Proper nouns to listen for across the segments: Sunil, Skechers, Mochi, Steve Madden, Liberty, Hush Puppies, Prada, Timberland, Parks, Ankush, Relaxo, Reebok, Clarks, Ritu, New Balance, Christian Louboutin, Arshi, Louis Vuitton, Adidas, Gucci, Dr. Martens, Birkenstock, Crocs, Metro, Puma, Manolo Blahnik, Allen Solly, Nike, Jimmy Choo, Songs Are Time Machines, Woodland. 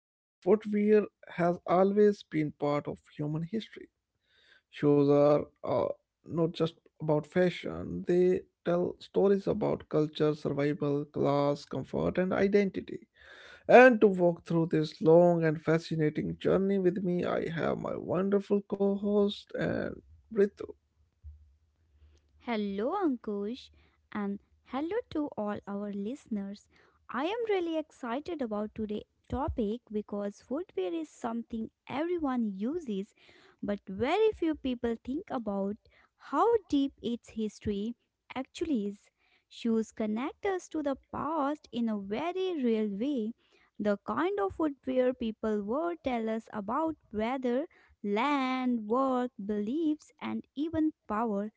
And footwear has always been part of human history. Shows are not just about fashion, they tell stories about culture, survival, class, comfort, and identity. And to walk through this long and fascinating journey with me, I have my wonderful co host and Ritu. Hello, Ankush, and hello to all our listeners. I am really excited about today's topic because footwear is something everyone uses, but very few people think about how deep its history actually is. Shoes connect us to the past in a very real way. The kind of footwear people wore tell us about weather, land, work, beliefs, and even power.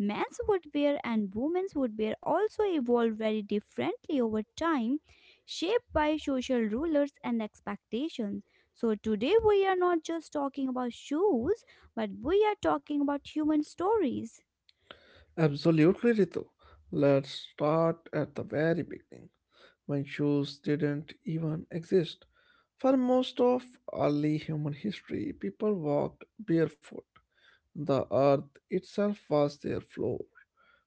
Men's footwear and women's footwear also evolved very differently over time, shaped by social rulers and expectations. So, today we are not just talking about shoes, but we are talking about human stories. Absolutely, Ritu. Let's start at the very beginning when shoes didn't even exist. For most of early human history, people walked barefoot. The earth itself was their floor.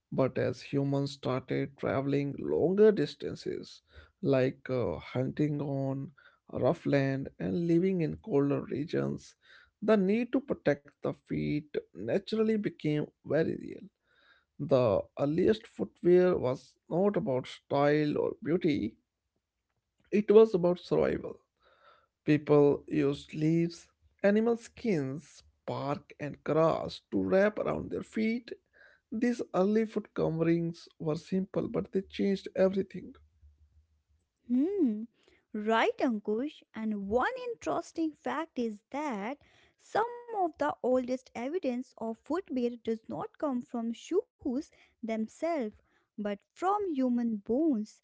But as humans started traveling longer distances, like hunting on rough land and living in colder regions, the need to protect the feet naturally became very real. The earliest footwear was not about style or beauty, it was about survival. People used leaves, animal skins, bark, and grass to wrap around their feet. These early food coverings were simple, but they changed everything. Hmm. Right, Ankush. And one interesting fact is that some of the oldest evidence of footwear does not come from shoes themselves, but from human bones.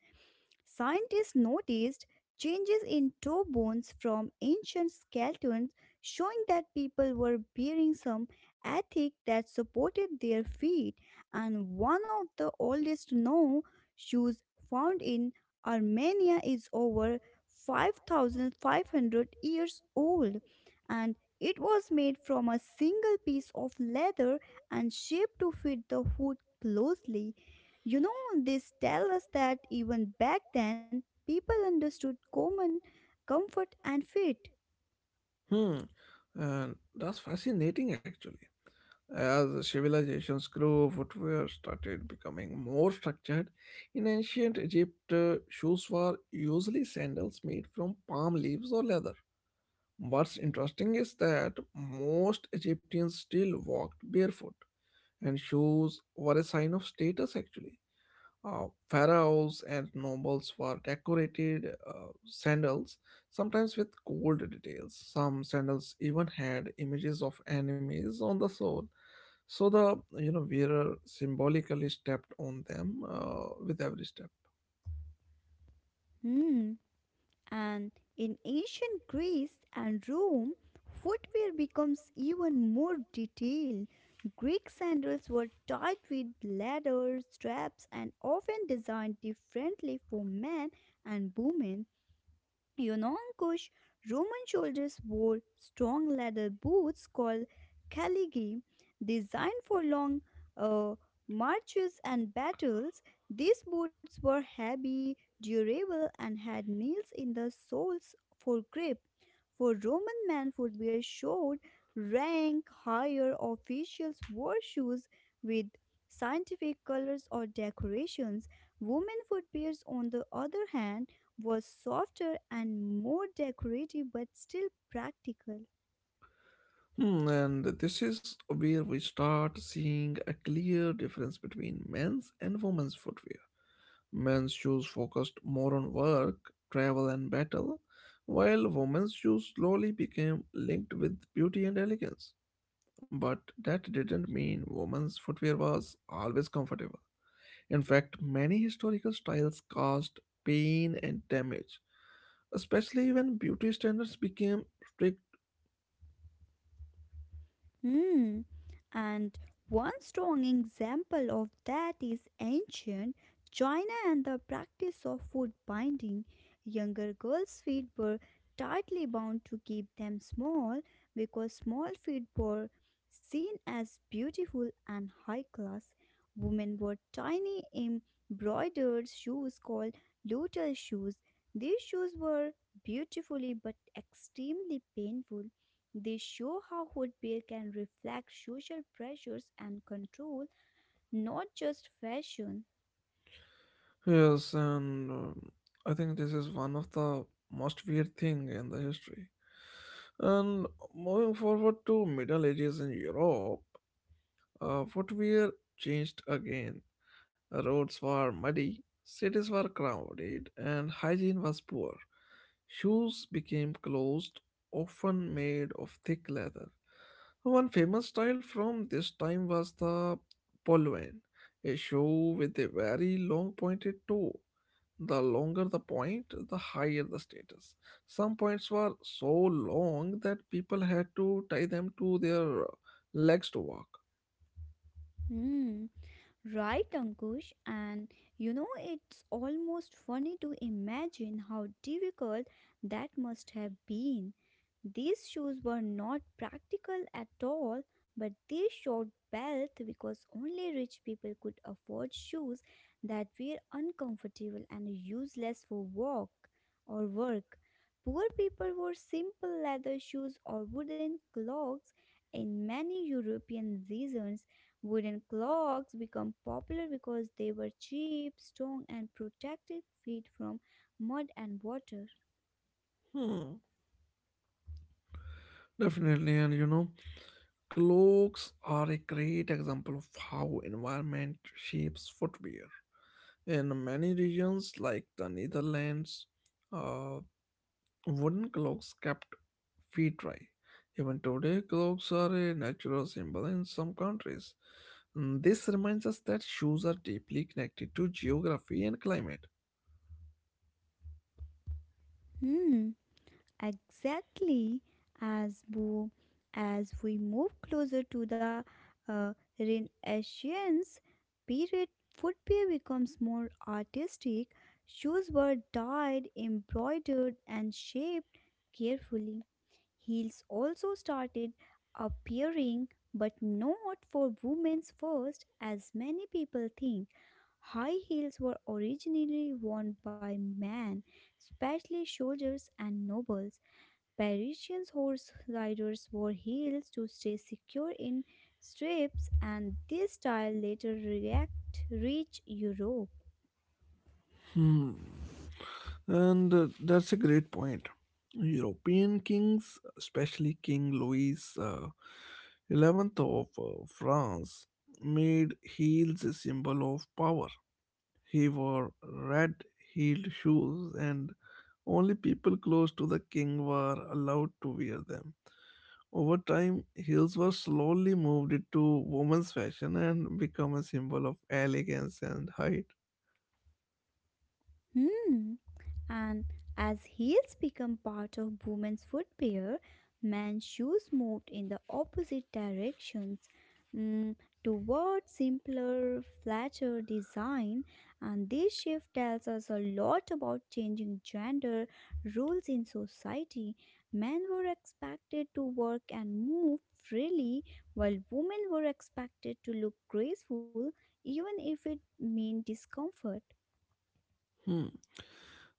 Scientists noticed changes in toe bones from ancient skeletons, showing that people were bearing some ethic that supported their feet. And one of the oldest known shoes found in Armenia is over 5,500 years old, and it was made from a single piece of leather and shaped to fit the foot closely. This tells us that even back then, people understood common comfort and fit. Hmm, and that's fascinating actually. As civilizations grew, footwear started becoming more structured. In ancient Egypt, shoes were usually sandals made from palm leaves or leather. What's interesting is that most Egyptians still walked barefoot and shoes were a sign of status actually. Pharaohs and nobles wore decorated sandals, sometimes with gold details. Some sandals even had images of enemies on the sole, so the wearer symbolically stepped on them with every step. Hmm. And in ancient Greece and Rome, footwear becomes even more detailed. Greek sandals were tied with leather straps and often designed differently for men and women. Yunong Kush, Roman soldiers wore strong leather boots called calligi, designed for long uh, marches and battles. These boots were heavy, durable, and had nails in the soles for grip. For Roman men, footwear showed rank. Higher officials wore shoes with scientific colors or decorations. Women footwears, on the other hand, was softer and more decorative but still practical. Hmm, and this is where we start seeing a clear difference between men's and women's footwear. Men's shoes focused more on work, travel, and battle, while women's shoes slowly became linked with beauty and elegance. But that didn't mean women's footwear was always comfortable. In fact, many historical styles caused pain and damage, especially when beauty standards became strict. Hmm. And one strong example of that is ancient China and the practice of foot binding. Younger girls' feet were tightly bound to keep them small because small feet were seen as beautiful and high class. Women wore tiny embroidered shoes called lotus shoes. These shoes were beautifully but extremely painful. They show how footwear can reflect social pressures and control, not just fashion. Yes, and I think this is one of the most weird thing in the history. And moving forward to Middle Ages in Europe, footwear changed again. Roads were muddy, cities were crowded, and hygiene was poor. Shoes became closed, often made of thick leather. One famous style from this time was the polvain, a shoe with a very long pointed toe. The longer the point, the higher the status. Some points were so long that people had to tie them to their legs to walk. Hmm. Right, Ankush, and you know, it's almost funny to imagine how difficult that must have been. These shoes were not practical at all, but they showed wealth because only rich people could afford shoes that were uncomfortable and useless for walk or work. Poor people wore simple leather shoes or wooden clogs in many European regions. Wooden clocks become popular because they were cheap, strong, and protected feet from mud and water. Hmm. Definitely, and you know, clothes are a great example of how environment shapes footwear. In many regions like the Netherlands, uh, wooden clogs kept feet dry. Even today, clogs are a natural symbol in some countries. Mm, this reminds us that shoes are deeply connected to geography and climate. Hmm, exactly. As we, as we move closer to the uh, Renaissance period, footwear becomes more artistic. Shoes were dyed, embroidered, and shaped carefully. Heels also started appearing, but not for women's first, as many people think. High heels were originally worn by men, especially soldiers and nobles. Parisian horse riders wore heels to stay secure in strips, and this style reached Europe. Hmm. And that's a great point. European kings, especially King Louis 11th of France made heels a symbol of power. He wore red heeled shoes and only people close to the king were allowed to wear them. Over time, heels were slowly moved into women's fashion and become a symbol of elegance and height. Hmm. And as heels become part of women's footwear, men's shoes moved in the opposite directions, mm, toward simpler, flatter design. And this shift tells us a lot about changing gender roles in society. Men were expected to work and move freely, while women were expected to look graceful, even if it meant discomfort. Hmm.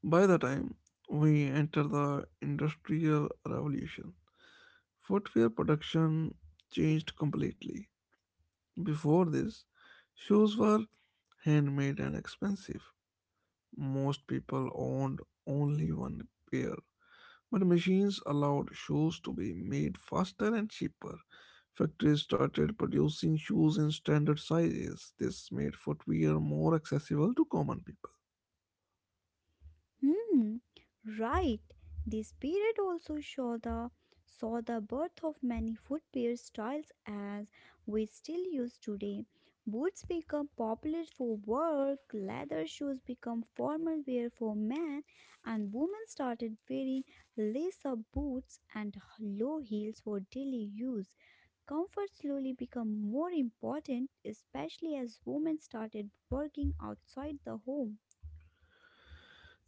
By the time we enter the Industrial Revolution, footwear production changed completely. Before this, shoes were handmade and expensive. Most people owned only one pair, but machines allowed shoes to be made faster and cheaper. Factories started producing shoes in standard sizes. This made footwear more accessible to common people. Hmm, right. This period also saw the birth of many footwear styles as we still use today. Boots become popular for work, leather shoes become formal wear for men, and women started wearing lace-up boots and low heels for daily use. Comfort slowly became more important, especially as women started working outside the home.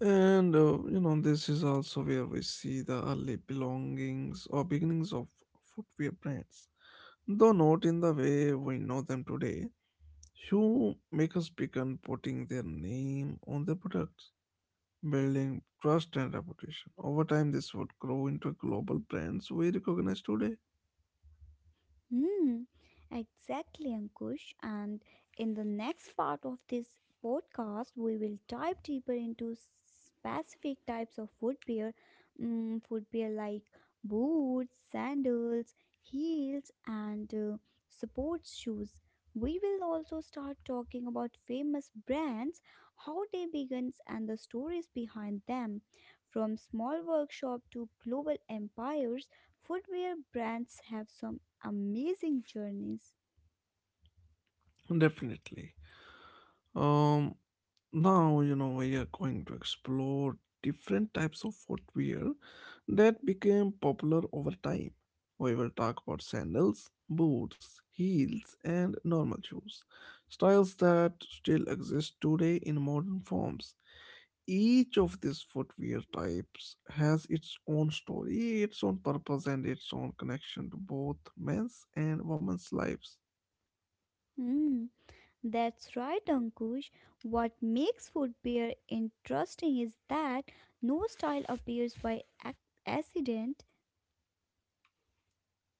And you know, this is also where we see the early belongings or beginnings of footwear brands. Though not in the way we know them today, shoemakers began putting their name on their products, building trust and reputation. Over time, this would grow into global brands we recognize today. Hmm, exactly, Ankush. And in the next part of this podcast, we will dive deeper into specific types of footwear. Mm, footwear like boots, sandals, heels, and sports shoes. We will also start talking about famous brands, how they began, and the stories behind them. From small workshop to global empires, footwear brands have some amazing journeys. Definitely. Um, Now, you know, we are going to explore different types of footwear that became popular over time. We will talk about sandals, boots, heels, and normal shoes, styles that still exist today in modern forms. Each of these footwear types has its own story, its own purpose, and its own connection to both men's and women's lives. Hmm, that's right, Ankush. What makes footwear interesting is that no style appears by accident.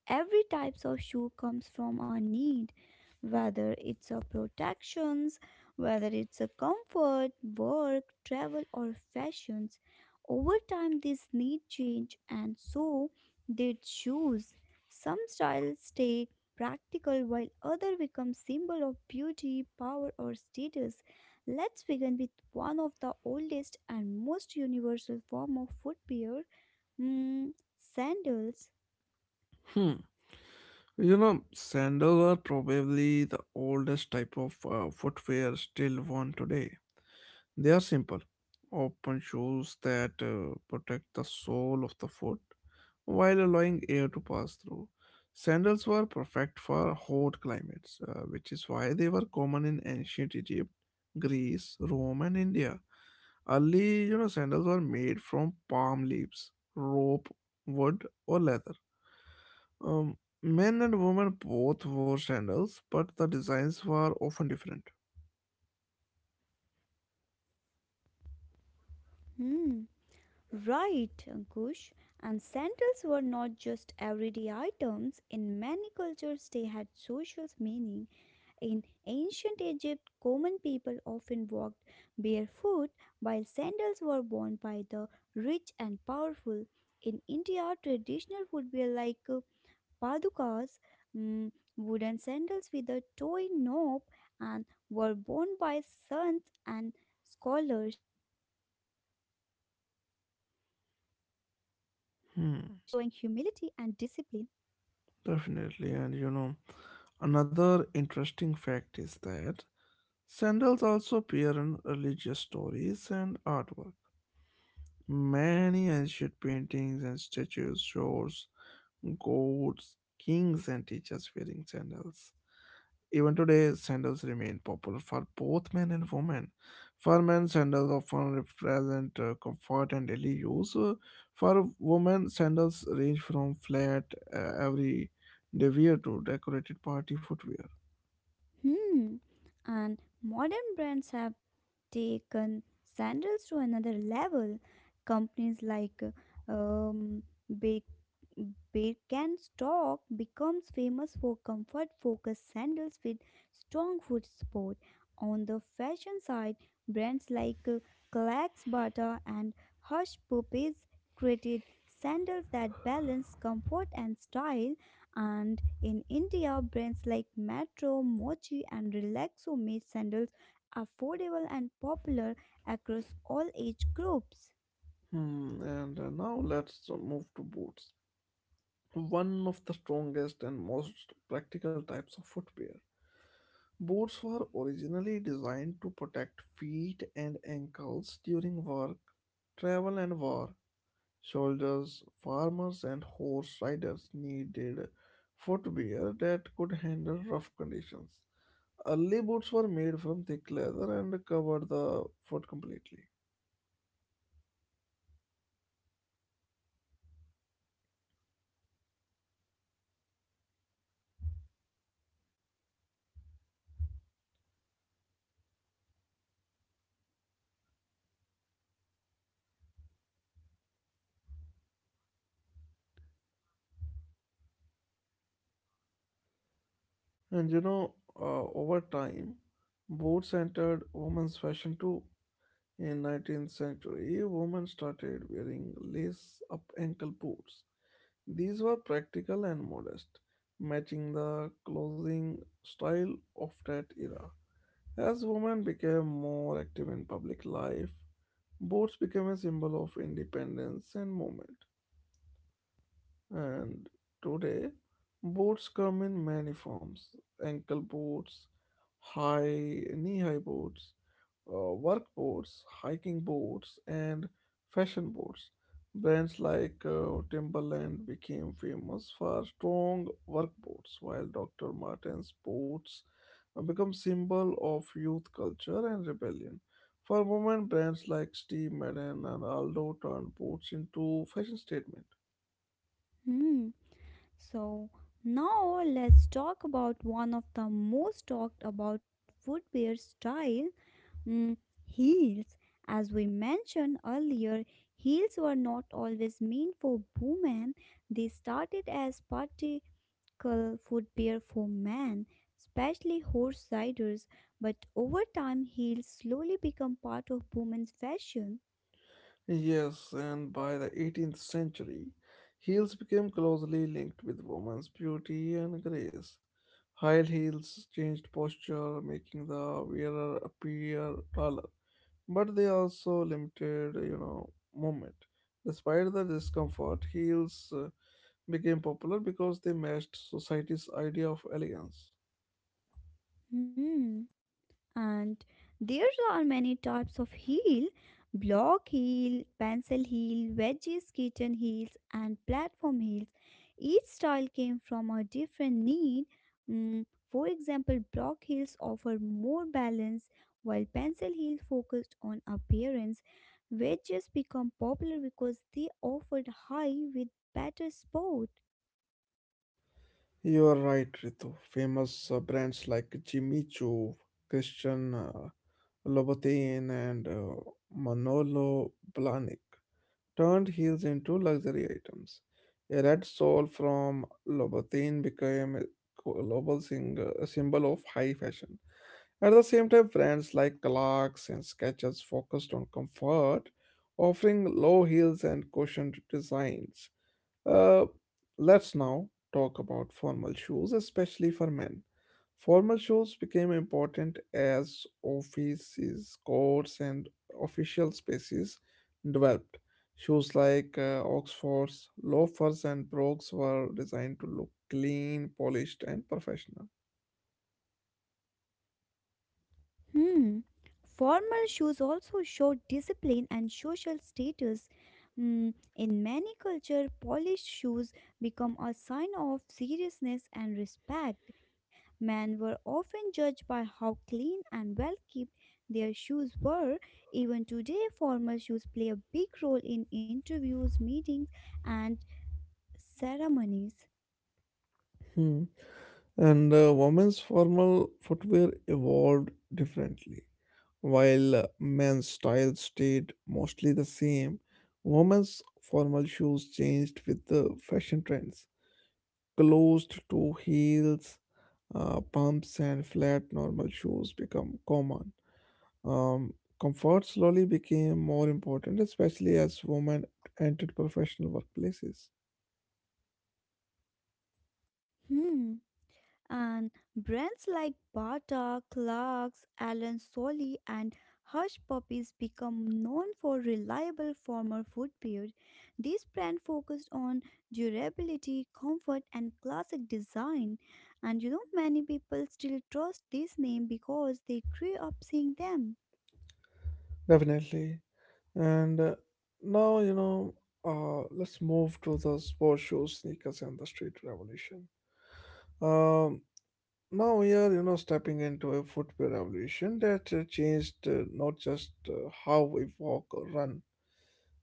Every types of shoe comes from a need, whether it's a protections, whether it's a comfort, work, travel or fashions. Over time this need change and so did shoes. Some styles stayed practical while other become symbol of beauty, power or status. Let's begin with one of the oldest and most universal form of footwear, mm, sandals. Hmm. You know, sandals are probably the oldest type of footwear still worn today. They are simple, open shoes that protect the sole of the foot while allowing air to pass through. Sandals were perfect for hot climates, which is why they were common in ancient Egypt, Greece, Rome, and India. Early, you know, sandals were made from palm leaves, rope, wood, or leather. Men and women both wore sandals, but the designs were often different. Hmm. Right, Ankush. And sandals were not just everyday items. In many cultures, they had social meaning. In ancient Egypt, common people often walked barefoot, while sandals were worn by the rich and powerful. In India, traditional footwear like padukas, mm, wooden sandals with a toy knob, and were worn by sons and scholars. Meaningful, showing Hmm. humility and discipline. Definitely. And you know, another interesting fact is that sandals also appear in religious stories and artwork. Many ancient paintings and statues shows goats, kings, and teachers wearing sandals. Even today, sandals remain popular for both men and women. For men, sandals often represent comfort and daily use. For women, sandals range from flat every day wear to decorated party footwear. Hmm. And modern brands have taken sandals to another level. Companies like um, Ba- Birkenstock becomes famous for comfort-focused sandals with strong foot support. On the fashion side, brands like Clarks Bata and Hush Puppies created sandals that balance comfort and style, and in India, brands like Metro, Mochi, and Relaxo made sandals affordable and popular across all age groups. Hmm, and now let's move to boots. One of the strongest and most practical types of footwear. Boots were originally designed to protect feet and ankles during work, travel, and war. Soldiers, farmers, and horse riders needed footwear that could handle rough conditions. Early boots were made from thick leather and covered the foot completely. And you know, over time, boots entered women's fashion too. In 19th century, women started wearing lace-up ankle boots. These were practical and modest, matching the clothing style of that era. As women became more active in public life, boots became a symbol of independence and movement. And today, boards come in many forms: ankle boards, high knee high boards, work boards, hiking boards, and fashion boards. Brands like Timberland became famous for strong work boards, while Dr. Martens boots become symbol of youth culture and rebellion. For women, brands like Steve Madden and Aldo turned boots into fashion statement. Hmm. So, now let's talk about one of the most talked about footwear style, mm, heels. As we mentioned earlier, heels were not always meant for women. They started as party local food beer for men, especially horse riders, but over time heels slowly become part of women's fashion. Yes, and by the 18th century, heels became closely linked with women's beauty and grace. High heels changed posture, making the wearer appear taller, but they also limited, you know, movement. Despite the discomfort, heels became popular because they matched society's idea of elegance. Hmm. And there are many types of heel: block heel, pencil heel, wedges, kitten heels, and platform heels. Each style came from a different need. Mm, for example, block heels offer more balance while pencil heels focused on appearance. Wedges become popular because they offered high with better support. You are right, Ritu. Famous brands like Jimmy Choo, Christian Louboutin, and Manolo Blahnik turned heels into luxury items. A red sole from Louboutin became a a symbol of high fashion. At the same time, brands like Clarks and Skechers focused on comfort, offering low heels and cushioned designs. Uh, let's now talk about formal shoes, especially for men. Formal shoes became important as offices, courts, and official spaces developed. Shoes like Oxfords, loafers, and brogues were designed to look clean, polished, and professional. Hmm. Formal shoes also show discipline and social status. Mm, in many cultures, polished shoes become a sign of seriousness and respect. Men were often judged by how clean and well kept their shoes were. Even today, formal shoes play a big role in interviews, meetings, and ceremonies. Hmm. And women's formal footwear evolved differently. While men's style stayed mostly the same, women's formal shoes changed with the fashion trends. Closed toe heels, pumps, and flat normal shoes become common. Um, Comfort slowly became more important, especially as women entered professional workplaces. Hmm. And brands like Bata, Clarks, Allen Solly, and Hush Puppies become known for reliable former footwear. These brands focused on durability, comfort, and classic design. And you know, many people still trust this name because they grew up seeing them. Definitely. And now, you know, let's move to the sports shoes, sneakers, and the street revolution. Um, Now we are, you know, stepping into a footwear revolution that changed not just how we walk or run,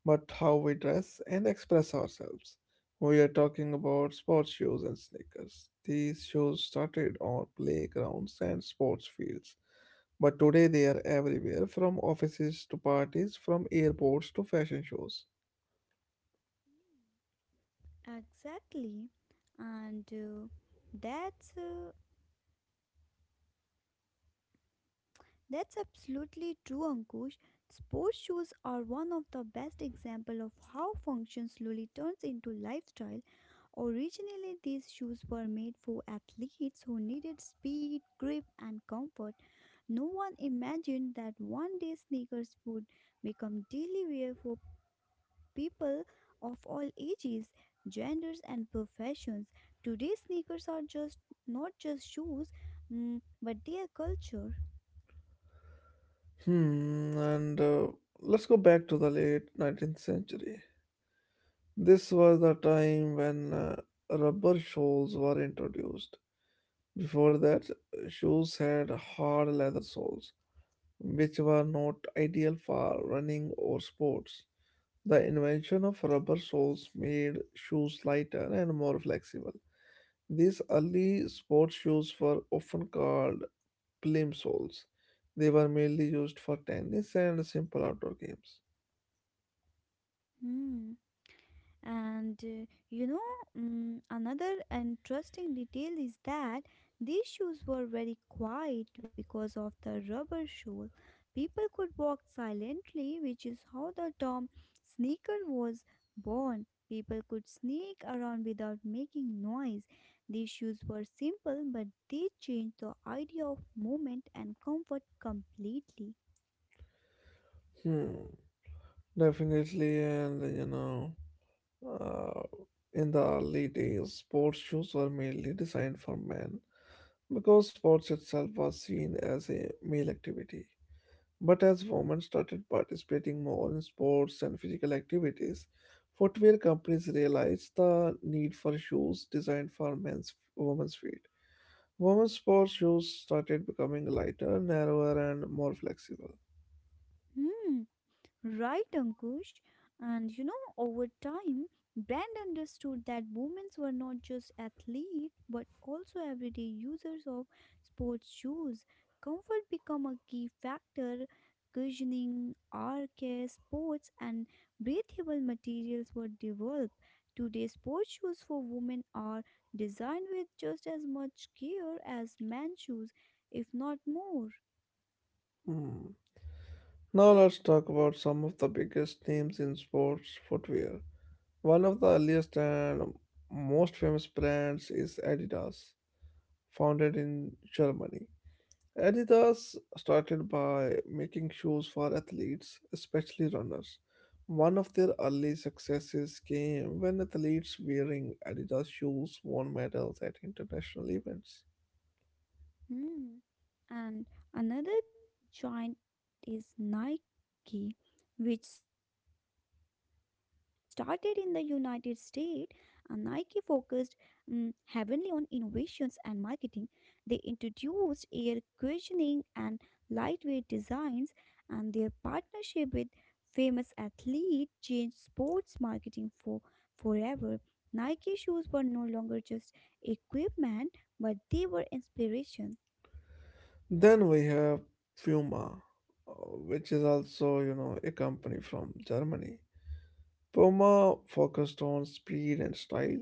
but how we dress and express ourselves. We are talking about sports shoes and sneakers. These shoes started on playgrounds and sports fields, but today they are everywhere, from offices to parties, from airports to fashion shows. Exactly. And that's uh, that's absolutely true, Ankush. Sports shoes are one of the best example of how function slowly turns into lifestyle. Originally, these shoes were made for athletes who needed speed, grip, and comfort. No one imagined that one day sneakers would become daily wear for people of all ages, genders, and professions. Today, sneakers are just not just shoes, mm, but they are culture. Hmm, and let's go back to the late 19th century. This was the time when rubber soles were introduced. Before that, shoes had hard leather soles, which were not ideal for running or sports. The invention of rubber soles made shoes lighter and more flexible. These early sports shoes were often called plim soles. They were mainly used for tennis and simple outdoor games. Hmm. And you know, another interesting detail is that these shoes were very quiet because of the rubber sole. People could walk silently, which is how the term sneaker was born. People could sneak around without making noise. These shoes were simple, but they changed the idea of movement and comfort completely. Hmm, definitely, and you know. Uh, in the early days, sports shoes were mainly designed for men because sports itself was seen as a male activity. But as women started participating more in sports and physical activities, footwear companies realized the need for shoes designed for men's women's feet. Women's sports shoes started becoming lighter, narrower, and more flexible. Hmm, right, Ankush. And you know, over time, brand understood that women were not just athletes but also everyday users of sports shoes. Comfort became a key factor. Cushioning, arcare, sports, and breathable materials were developed. Today, sports shoes for women are designed with just as much care as men's shoes, if not more. Hmm. Now let's talk about some of the biggest names in sports footwear. One of the earliest and most famous brands is Adidas, founded in Germany. Adidas started by making shoes for athletes, especially runners. One of their early successes came when athletes wearing Adidas shoes won medals at international events. Hmm. And another giant is Nike, which started in the United States, and Nike focused, mm, heavily on innovations and marketing. They introduced air cushioning and lightweight designs, and their partnership with famous athlete changed sports marketing forever. Nike shoes were no longer just equipment, but they were inspiration. Then we have Puma, uh, which is also, you know, a company from Germany. Puma focused on speed and style.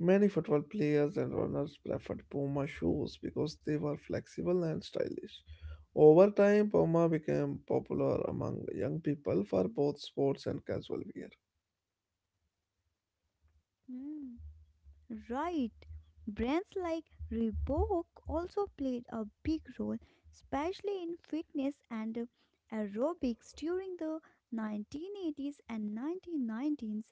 Many football players and runners preferred Puma shoes because they were flexible and stylish. Over time, Puma became popular among young people for both sports and casual wear. Mm, right. Brands like Reebok also played a big role, especially in fitness and aerobics during the 1980s and 1990s.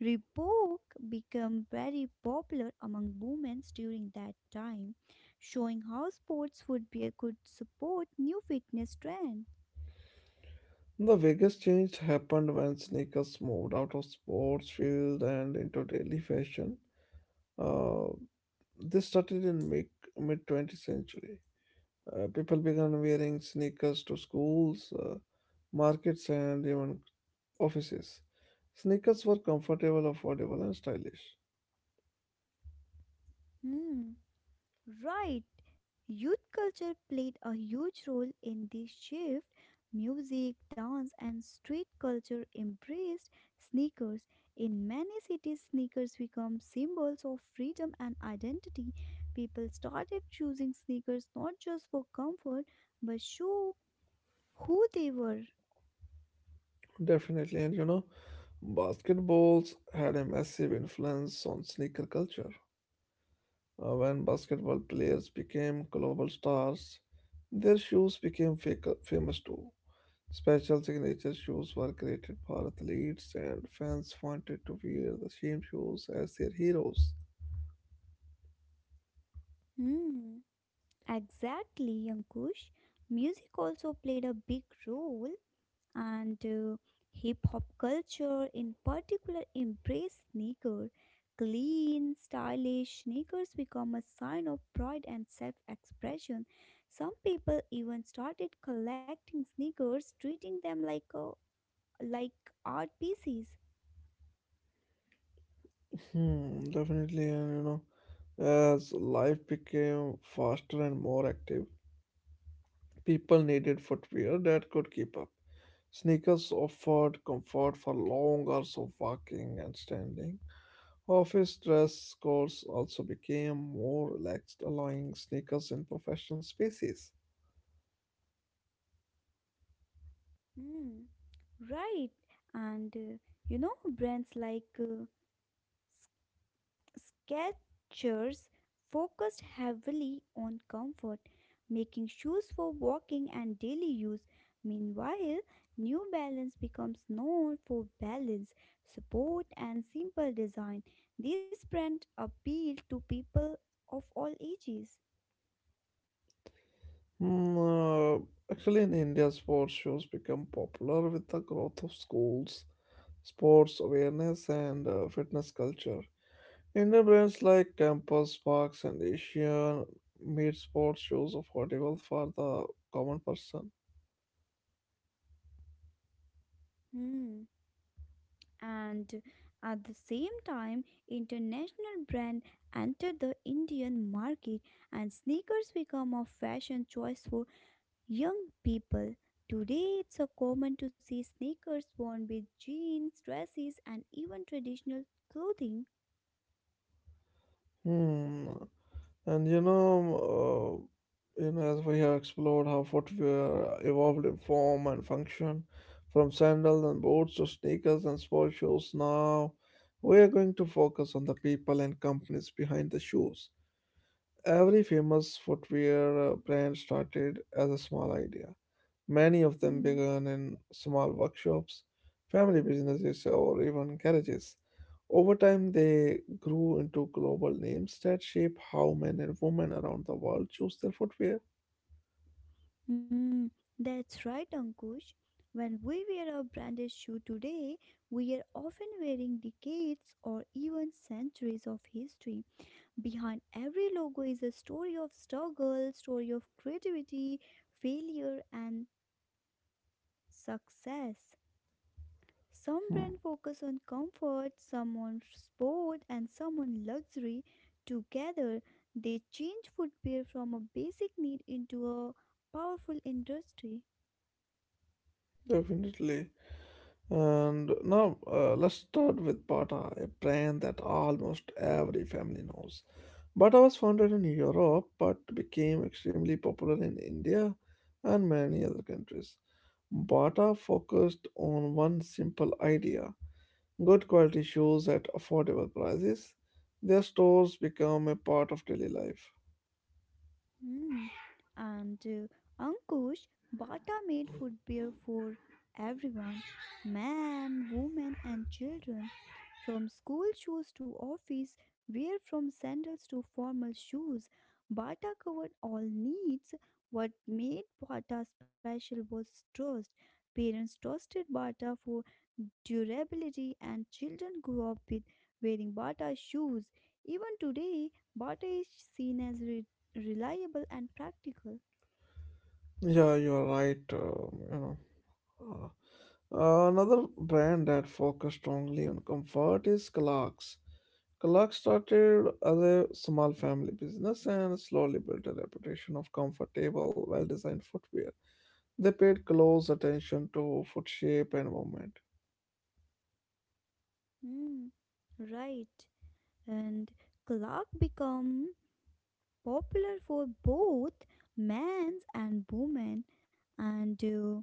Reebok became very popular among women during that time, showing how sports would be a good support new fitness trend. The biggest change happened when sneakers moved out of sports field and into daily fashion. Uh, this started in mid 20th century. People began wearing sneakers to schools, markets, and even offices. Sneakers were comfortable, affordable, and stylish. Hmm. Right, youth culture played a huge role in this shift. Music, dance, and street culture embraced sneakers. In many cities, sneakers become symbols of freedom and identity. People started choosing sneakers not just for comfort but show who they were. Definitely, and you know, basketballs had a massive influence on sneaker culture. When basketball players became global stars, their shoes became famous too. Special signature shoes were created for athletes, and fans wanted to wear the same shoes as their heroes. Hmm, exactly, Yankush. Music also played a big role. And hip hop culture in particular embraced sneaker. Clean stylish sneakers become a sign of pride and self-expression. Some people even started collecting sneakers, treating them like art pieces. Hmm, definitely, and you know, as life became faster and more active, people needed footwear that could keep up. Sneakers offered comfort for long hours of walking and standing. Office dress codes also became more relaxed, allowing sneakers in professional spaces. Hmm, right. And you know, brands like Skechers focused heavily on comfort, making shoes for walking and daily use. Meanwhile, New Balance becomes known for balance, support, and simple design. This brand appeal to people of all ages. Mm, uh, Actually, in India, sports shows become popular with the growth of schools, sports awareness, and fitness culture. Indian brands like Campus, Parks, and Asian made sports shows affordable for the common person. Hmm. And at the same time, international brand entered the Indian market, and sneakers become a fashion choice for young people. Today it's so common to see sneakers worn with jeans, dresses, and even traditional clothing. Hmm. And you know, as we have explored how footwear evolved in form and function, from sandals and boots to sneakers and sports shoes, now we are going to focus on the people and companies behind the shoes. Every famous footwear brand started as a small idea. Many of them Hmm. began in small workshops, family businesses, or even garages. Over time, they grew into global names that shape how men and women around the world choose their footwear. Hmm. That's right, Ankush. When we wear a branded shoe today, we are often wearing decades or even centuries of history. Behind every logo is a story of struggle, story of creativity, failure, and success. Some Hmm, brands focus on comfort, some on sport, and some on luxury. Together, they change footwear from a basic need into a powerful industry. definitely. And now let's start with Bata, a brand that almost every family knows. Bata was founded in Europe but became extremely popular in India and many other countries. Bata focused on one simple idea: good quality shoes at affordable prices. Their stores become a part of daily life. Mm. And Ankush, Bata made footwear for everyone, man, woman, and children. From school shoes to office wear, from sandals to formal shoes, Bata covered all needs. What made Bata special was trust, parents' durability, and children grew up with wearing Bata shoes. Even today, Bata is seen as reliable and practical. Yeah, you are right. Uh, Another brand that focused strongly on comfort is Clark's. Clark's started as a small family business and slowly built a reputation of comfortable, well designed footwear. They paid close attention to foot shape and movement. Mm, right. And Clark become popular for both men and women and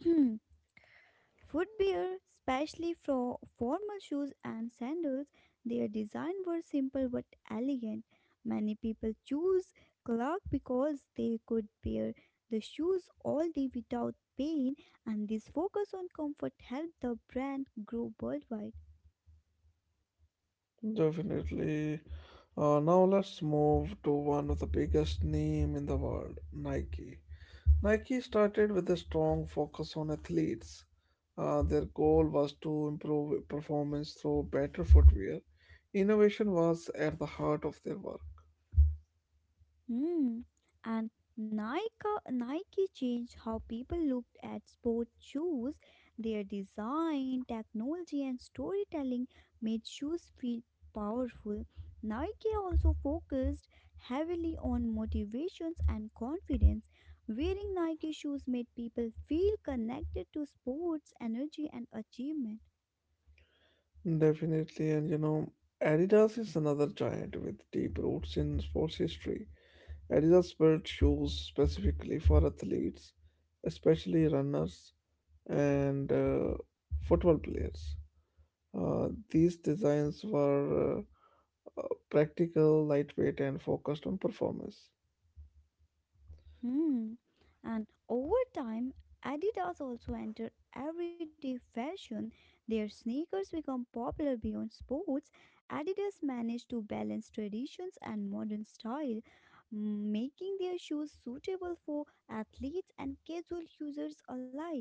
footwear, especially for formal shoes and sandals. Their design were simple but elegant. Many people choose Clark because they could wear the shoes all day without pain, and this focus on comfort helped the brand grow worldwide. Definitely. Now let's move to one of the biggest name in the world, Nike. Nike started with a strong focus on athletes. Their goal was to improve performance through better footwear. Innovation was at the heart of their work. Hmm. And Nike changed how people looked at sport shoes. Their design, technology, and storytelling made shoes feel powerful. Nike also focused heavily on motivations and confidence. Wearing Nike shoes made people feel connected to sports, energy, and achievement. Definitely, and you know, Adidas is another giant with deep roots in sports history. Adidas built shoes specifically for athletes, especially runners and football players. These designs were practical, lightweight, and focused on performance. Hmm. And over time, Adidas also entered everyday fashion. Their sneakers become popular beyond sports. Adidas managed to balance traditions and modern style, making their shoes suitable for athletes and casual users alike.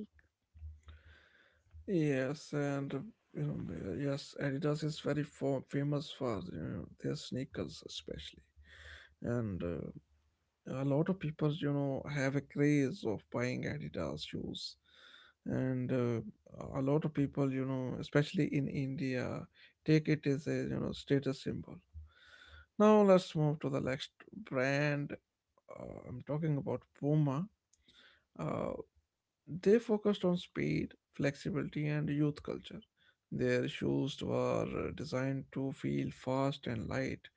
Yes, and you know, yes, Adidas is very famous for you know, their sneakers, especially. And a lot of people, you know, have a craze of buying Adidas shoes. And a lot of people, you know, especially in India, take it as a you know status symbol. Now let's move to the next brand. I'm talking about Puma. Uh, They focused on speed, flexibility, and youth culture. Their shoes were designed to feel fast and light.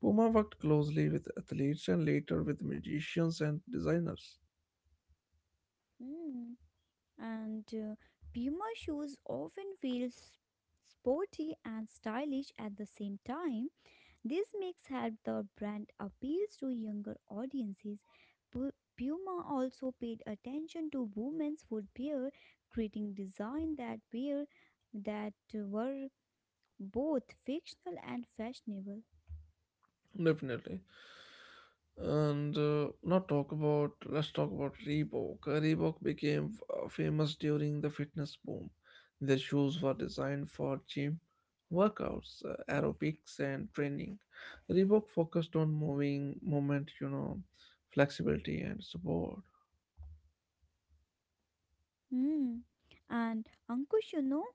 Puma worked closely with athletes and later with magicians and designers. Hmm. And Puma shoes often feel sporty and stylish at the same time. This makes help the brand appeals to younger audiences. Puma also paid attention to women's footwear, creating design that were both fictional and fashionable. Definitely. And not talk about Let's talk about Reebok. Reebok became famous during the fitness boom. Their shoes were designed for gym workouts, aerobics, and training. Reebok focused on moving movement, you know, flexibility and support. Hmm. And Ankush, you know,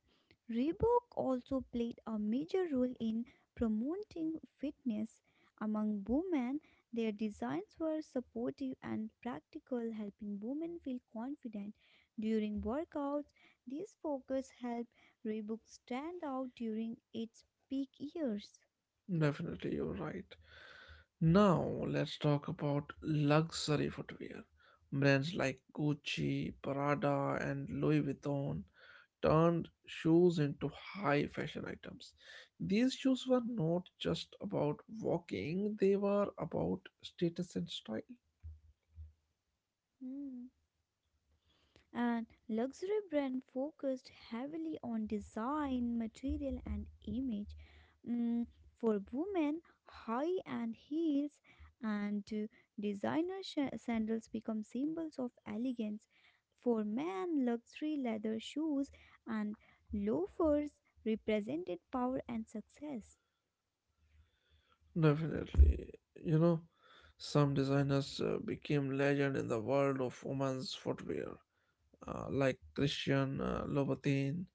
Reebok also played a major role in promoting fitness among women. Their designs were supportive and practical, helping women feel confident during workouts. This focus helped Reebok stand out during its peak years. Definitely, you're right. Now, let's talk about luxury footwear. Brands like Gucci, Prada, and Louis Vuitton turned shoes into high fashion items. These shoes were not just about walking, they were about status and style. Hmm. And luxury brand focused heavily on design, material, and image. Mm, for women, high end heels and designer sandals become symbols of elegance. For men, luxury leather shoes and loafers represented power and success. Definitely. You know, some designers became legend in the world of women's footwear, like Christian Louboutin,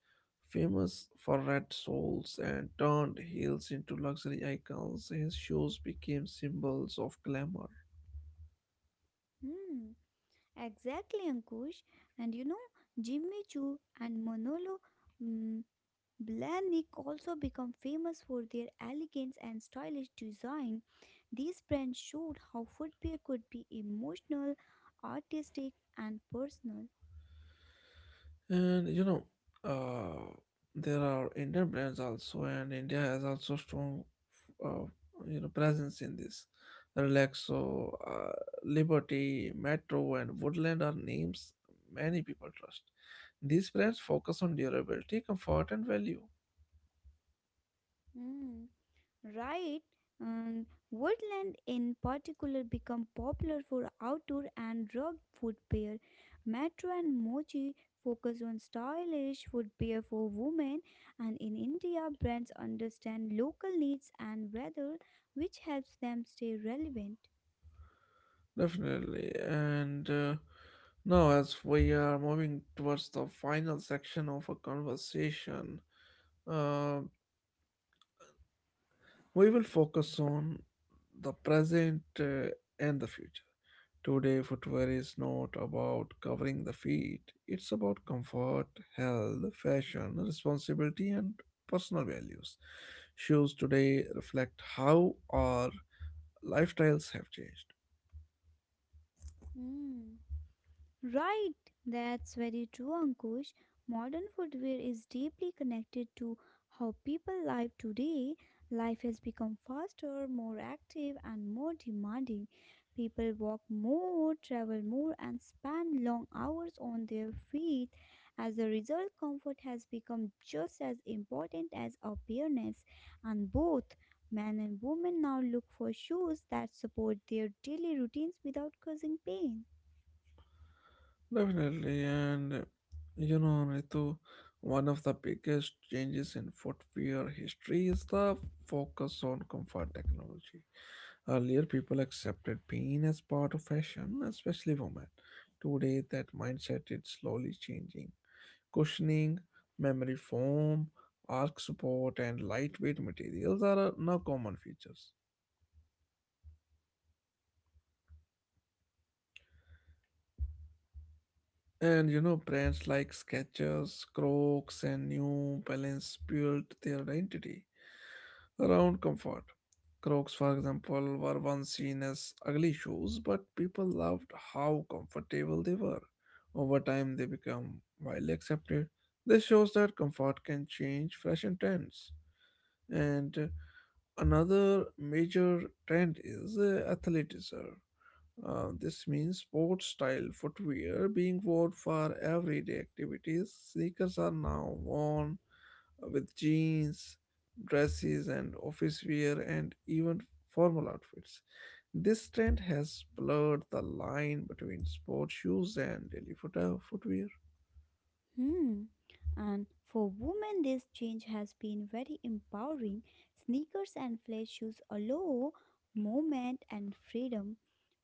famous for red soles and turned heels into luxury icons. His shoes became symbols of glamour. Hmm. Exactly, Ankush. And you know, Jimmy Choo and Manolo, mm, Blahnik also become famous for their elegance and stylish design. These brands showed how footwear could be emotional, artistic, and personal. And you know, uh, there are Indian brands also, and India has also strong, uh, presence in this. Relaxo, Liberty, Metro, and Woodland are names many people trust. These brands focus on durability, comfort, and value. Mm. Right, and woodland in particular become popular for outdoor and rugged footwear. Metro and Mochi focus on stylish footwear for women, and in India, brands understand local needs and weather, which helps them stay relevant. Definitely. And Now, as we are moving towards the final section of our conversation, uh, we will focus on the present and the future. Today, footwear is not about covering the feet, it's about comfort, health, fashion, responsibility, and personal values. Shoes today reflect how our lifestyles have changed. Hmm. Right, that's very true, Ankush. Modern footwear is deeply connected to how people live today. Life has become faster, more active, and more demanding. People walk more, travel more, and spend long hours on their feet. As a result, comfort has become just as important as appearance, and both men and women now look for shoes that support their daily routines without causing pain. Definitely, and you know, Ritu, one of the biggest changes in footwear history is the focus on comfort technology. Earlier, people accepted pain as part of fashion, especially women. Today, that mindset is slowly changing. Cushioning, memory foam, arch support, and lightweight materials are now common features. And you know, brands like Skechers, Crocs, and New Balance built their identity around comfort. Crocs, for example, were once seen as ugly shoes, but people loved how comfortable they were. Over time, they become widely accepted. This shows that comfort can change fashion trends. And Another major trend is athleticism. This means sports style footwear being worn for everyday activities. Sneakers are now worn with jeans, dresses, and office wear, and even formal outfits. This trend has blurred the line between sports shoes and daily footwear. Hmm. And for women, this change has been very empowering. Sneakers and flat shoes allow movement and freedom.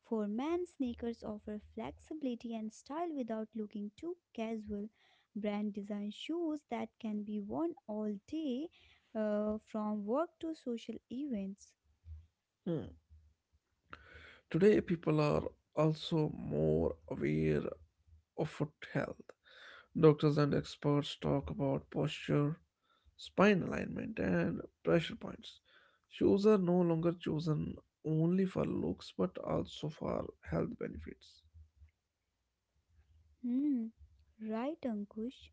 For men, sneakers offer flexibility and style without looking too casual. Brand design shoes that can be worn all day, from work to social events. Hmm. Today, people are also more aware of foot health. Doctors and experts talk about posture, spine alignment, and pressure points. Shoes are no longer chosen only for looks but also for health benefits. Hmm. Right, Ankush.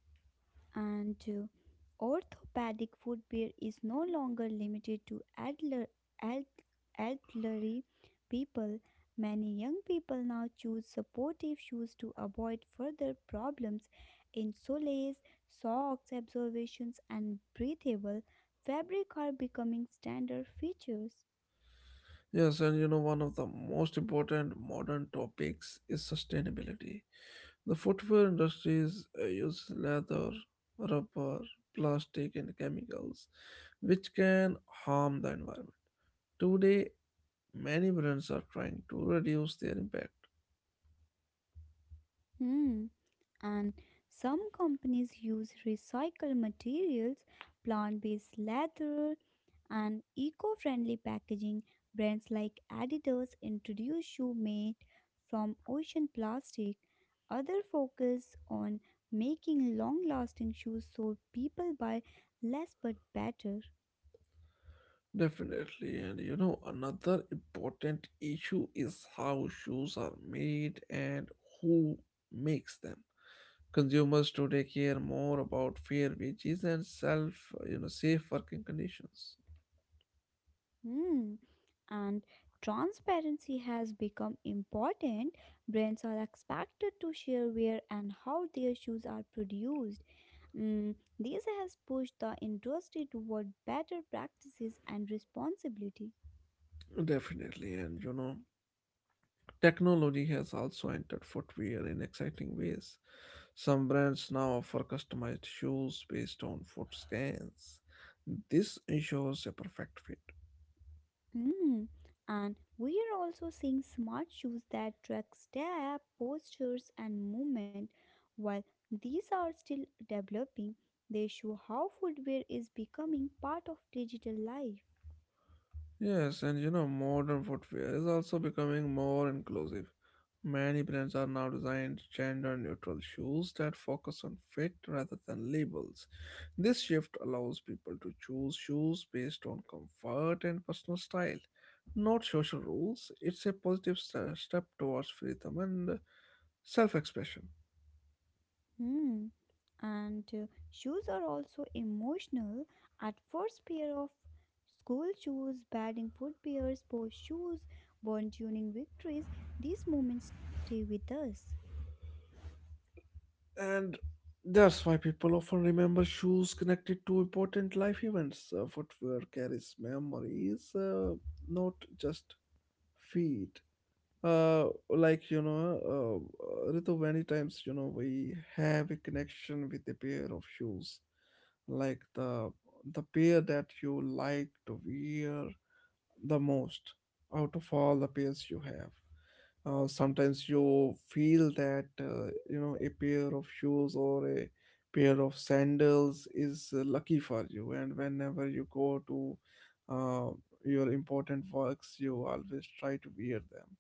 And orthopedic footwear is no longer limited to elder, el- elderly people. Many young people now choose supportive shoes to avoid further problems in soles, socks, observations, and breathable fabric are becoming standard features. Yes, and you know, one of the most important modern topics is sustainability. The footwear industries use leather, rubber, plastic, and chemicals, which can harm the environment. Today, many brands are trying to reduce their impact. Hmm. And some companies use recycled materials, plant based leather, and eco-friendly packaging brands like Adidas introduce shoe made from ocean plastic. Other focus on making long-lasting shoes so people buy less but better. Definitely, and you know, another important issue is how shoes are made and who makes them. Consumers today care more about fair wages and safe working conditions. Hmm. And transparency has become important. Brands are expected to share where and how their shoes are produced. Mm, this has pushed the industry toward better practices and responsibility. Definitely, and you know, technology has also entered footwear in exciting ways. Some brands now offer customized shoes based on foot scans. This ensures a perfect fit. Mm. And we are also seeing smart shoes that track step, postures, and movement. While these are still developing, they show how footwear is becoming part of digital life. Yes, and you know, modern footwear is also becoming more inclusive. Many brands are now designed gender neutral shoes that focus on fit rather than labels. This shift allows people to choose shoes based on comfort and personal style, not social rules. It's a positive step towards freedom and self expression. Hmm. And shoes are also emotional. At first, pair of school shoes, batting footwears, post shoes, born tuning victories, these moments stay with us. And that's why people often remember shoes connected to important life events. Footwear carries memories, not just feet. Like Ritu, many times you know we have a connection with a pair of shoes, like the pair that you like to wear the most out of all the pairs you have. Sometimes you feel that you know a pair of shoes or a pair of sandals is lucky for you, and whenever you go to uh, your important works you always try to wear them,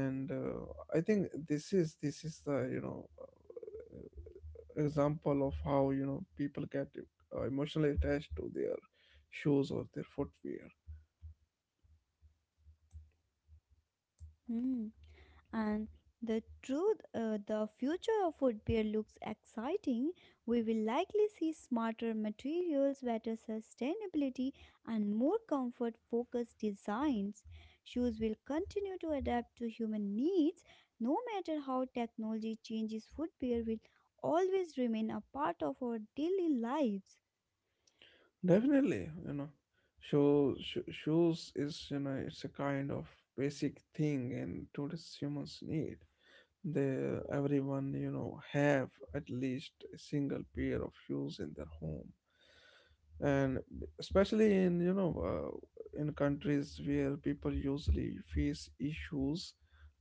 and I think this is the you know example of how you know people get emotionally attached to their shoes or their footwear. Hmm. And the truth, the future of footwear looks exciting. We will likely see smarter materials, better sustainability, and more comfort focused designs. Shoes will continue to adapt to human needs. No matter how technology changes, footwear will always remain a part of our daily lives. Definitely, you know, shoes, shoes is you know it's a kind of basic thing and today's humans need, they everyone you know have at least a single pair of shoes in their home. And especially in you know in countries where people usually face issues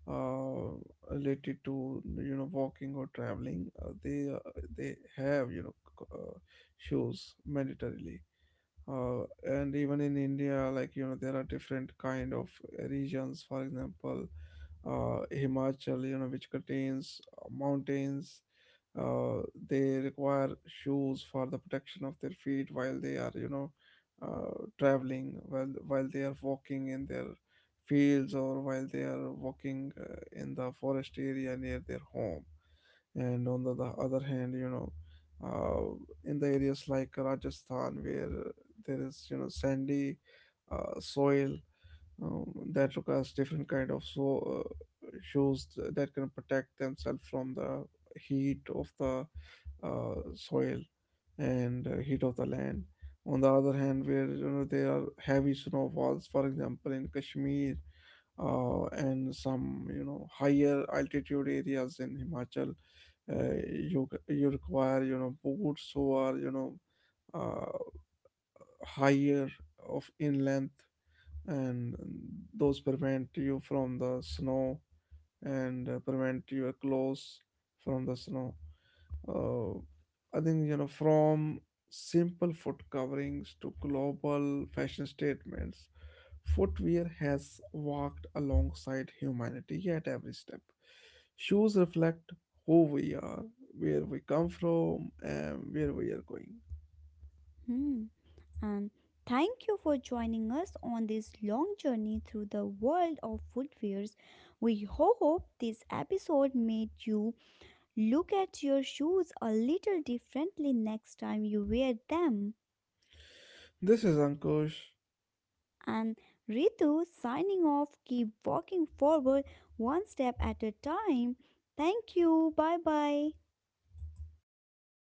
uh, related to you know walking or traveling, they have you know shoes mandatorily. And even in India, like you know there are different kind of regions, for example, Himachal, you know, which contains mountains. uh, they require shoes for the protection of their feet while they are, you know, traveling, while they are walking in their fields or while they are walking in the forest area near their home. And on the other hand, you know, in the areas like Rajasthan where there is, you know, sandy soil, that requires different kind of shoes that can protect themselves from the heat of the soil and heat of the land. On the other hand, where you know there are heavy snowfalls, for example, in Kashmir, and some you know higher altitude areas in Himachal, uh, you require you know boots who are you know uh, higher of in length, and those prevent you from the snow and prevent your clothes from the snow. Uh, I think you know from simple foot coverings to global fashion statements, footwear has walked alongside humanity at every step. Shoes reflect who we are, where we come from, and where we are going. Hmm. And thank you for joining us on this long journey through the world of footwears. We hope this episode made you look at your shoes a little differently next time you wear them. This is Ankush. And Ritu signing off, keep walking forward one step at a time. Thank you. Bye bye.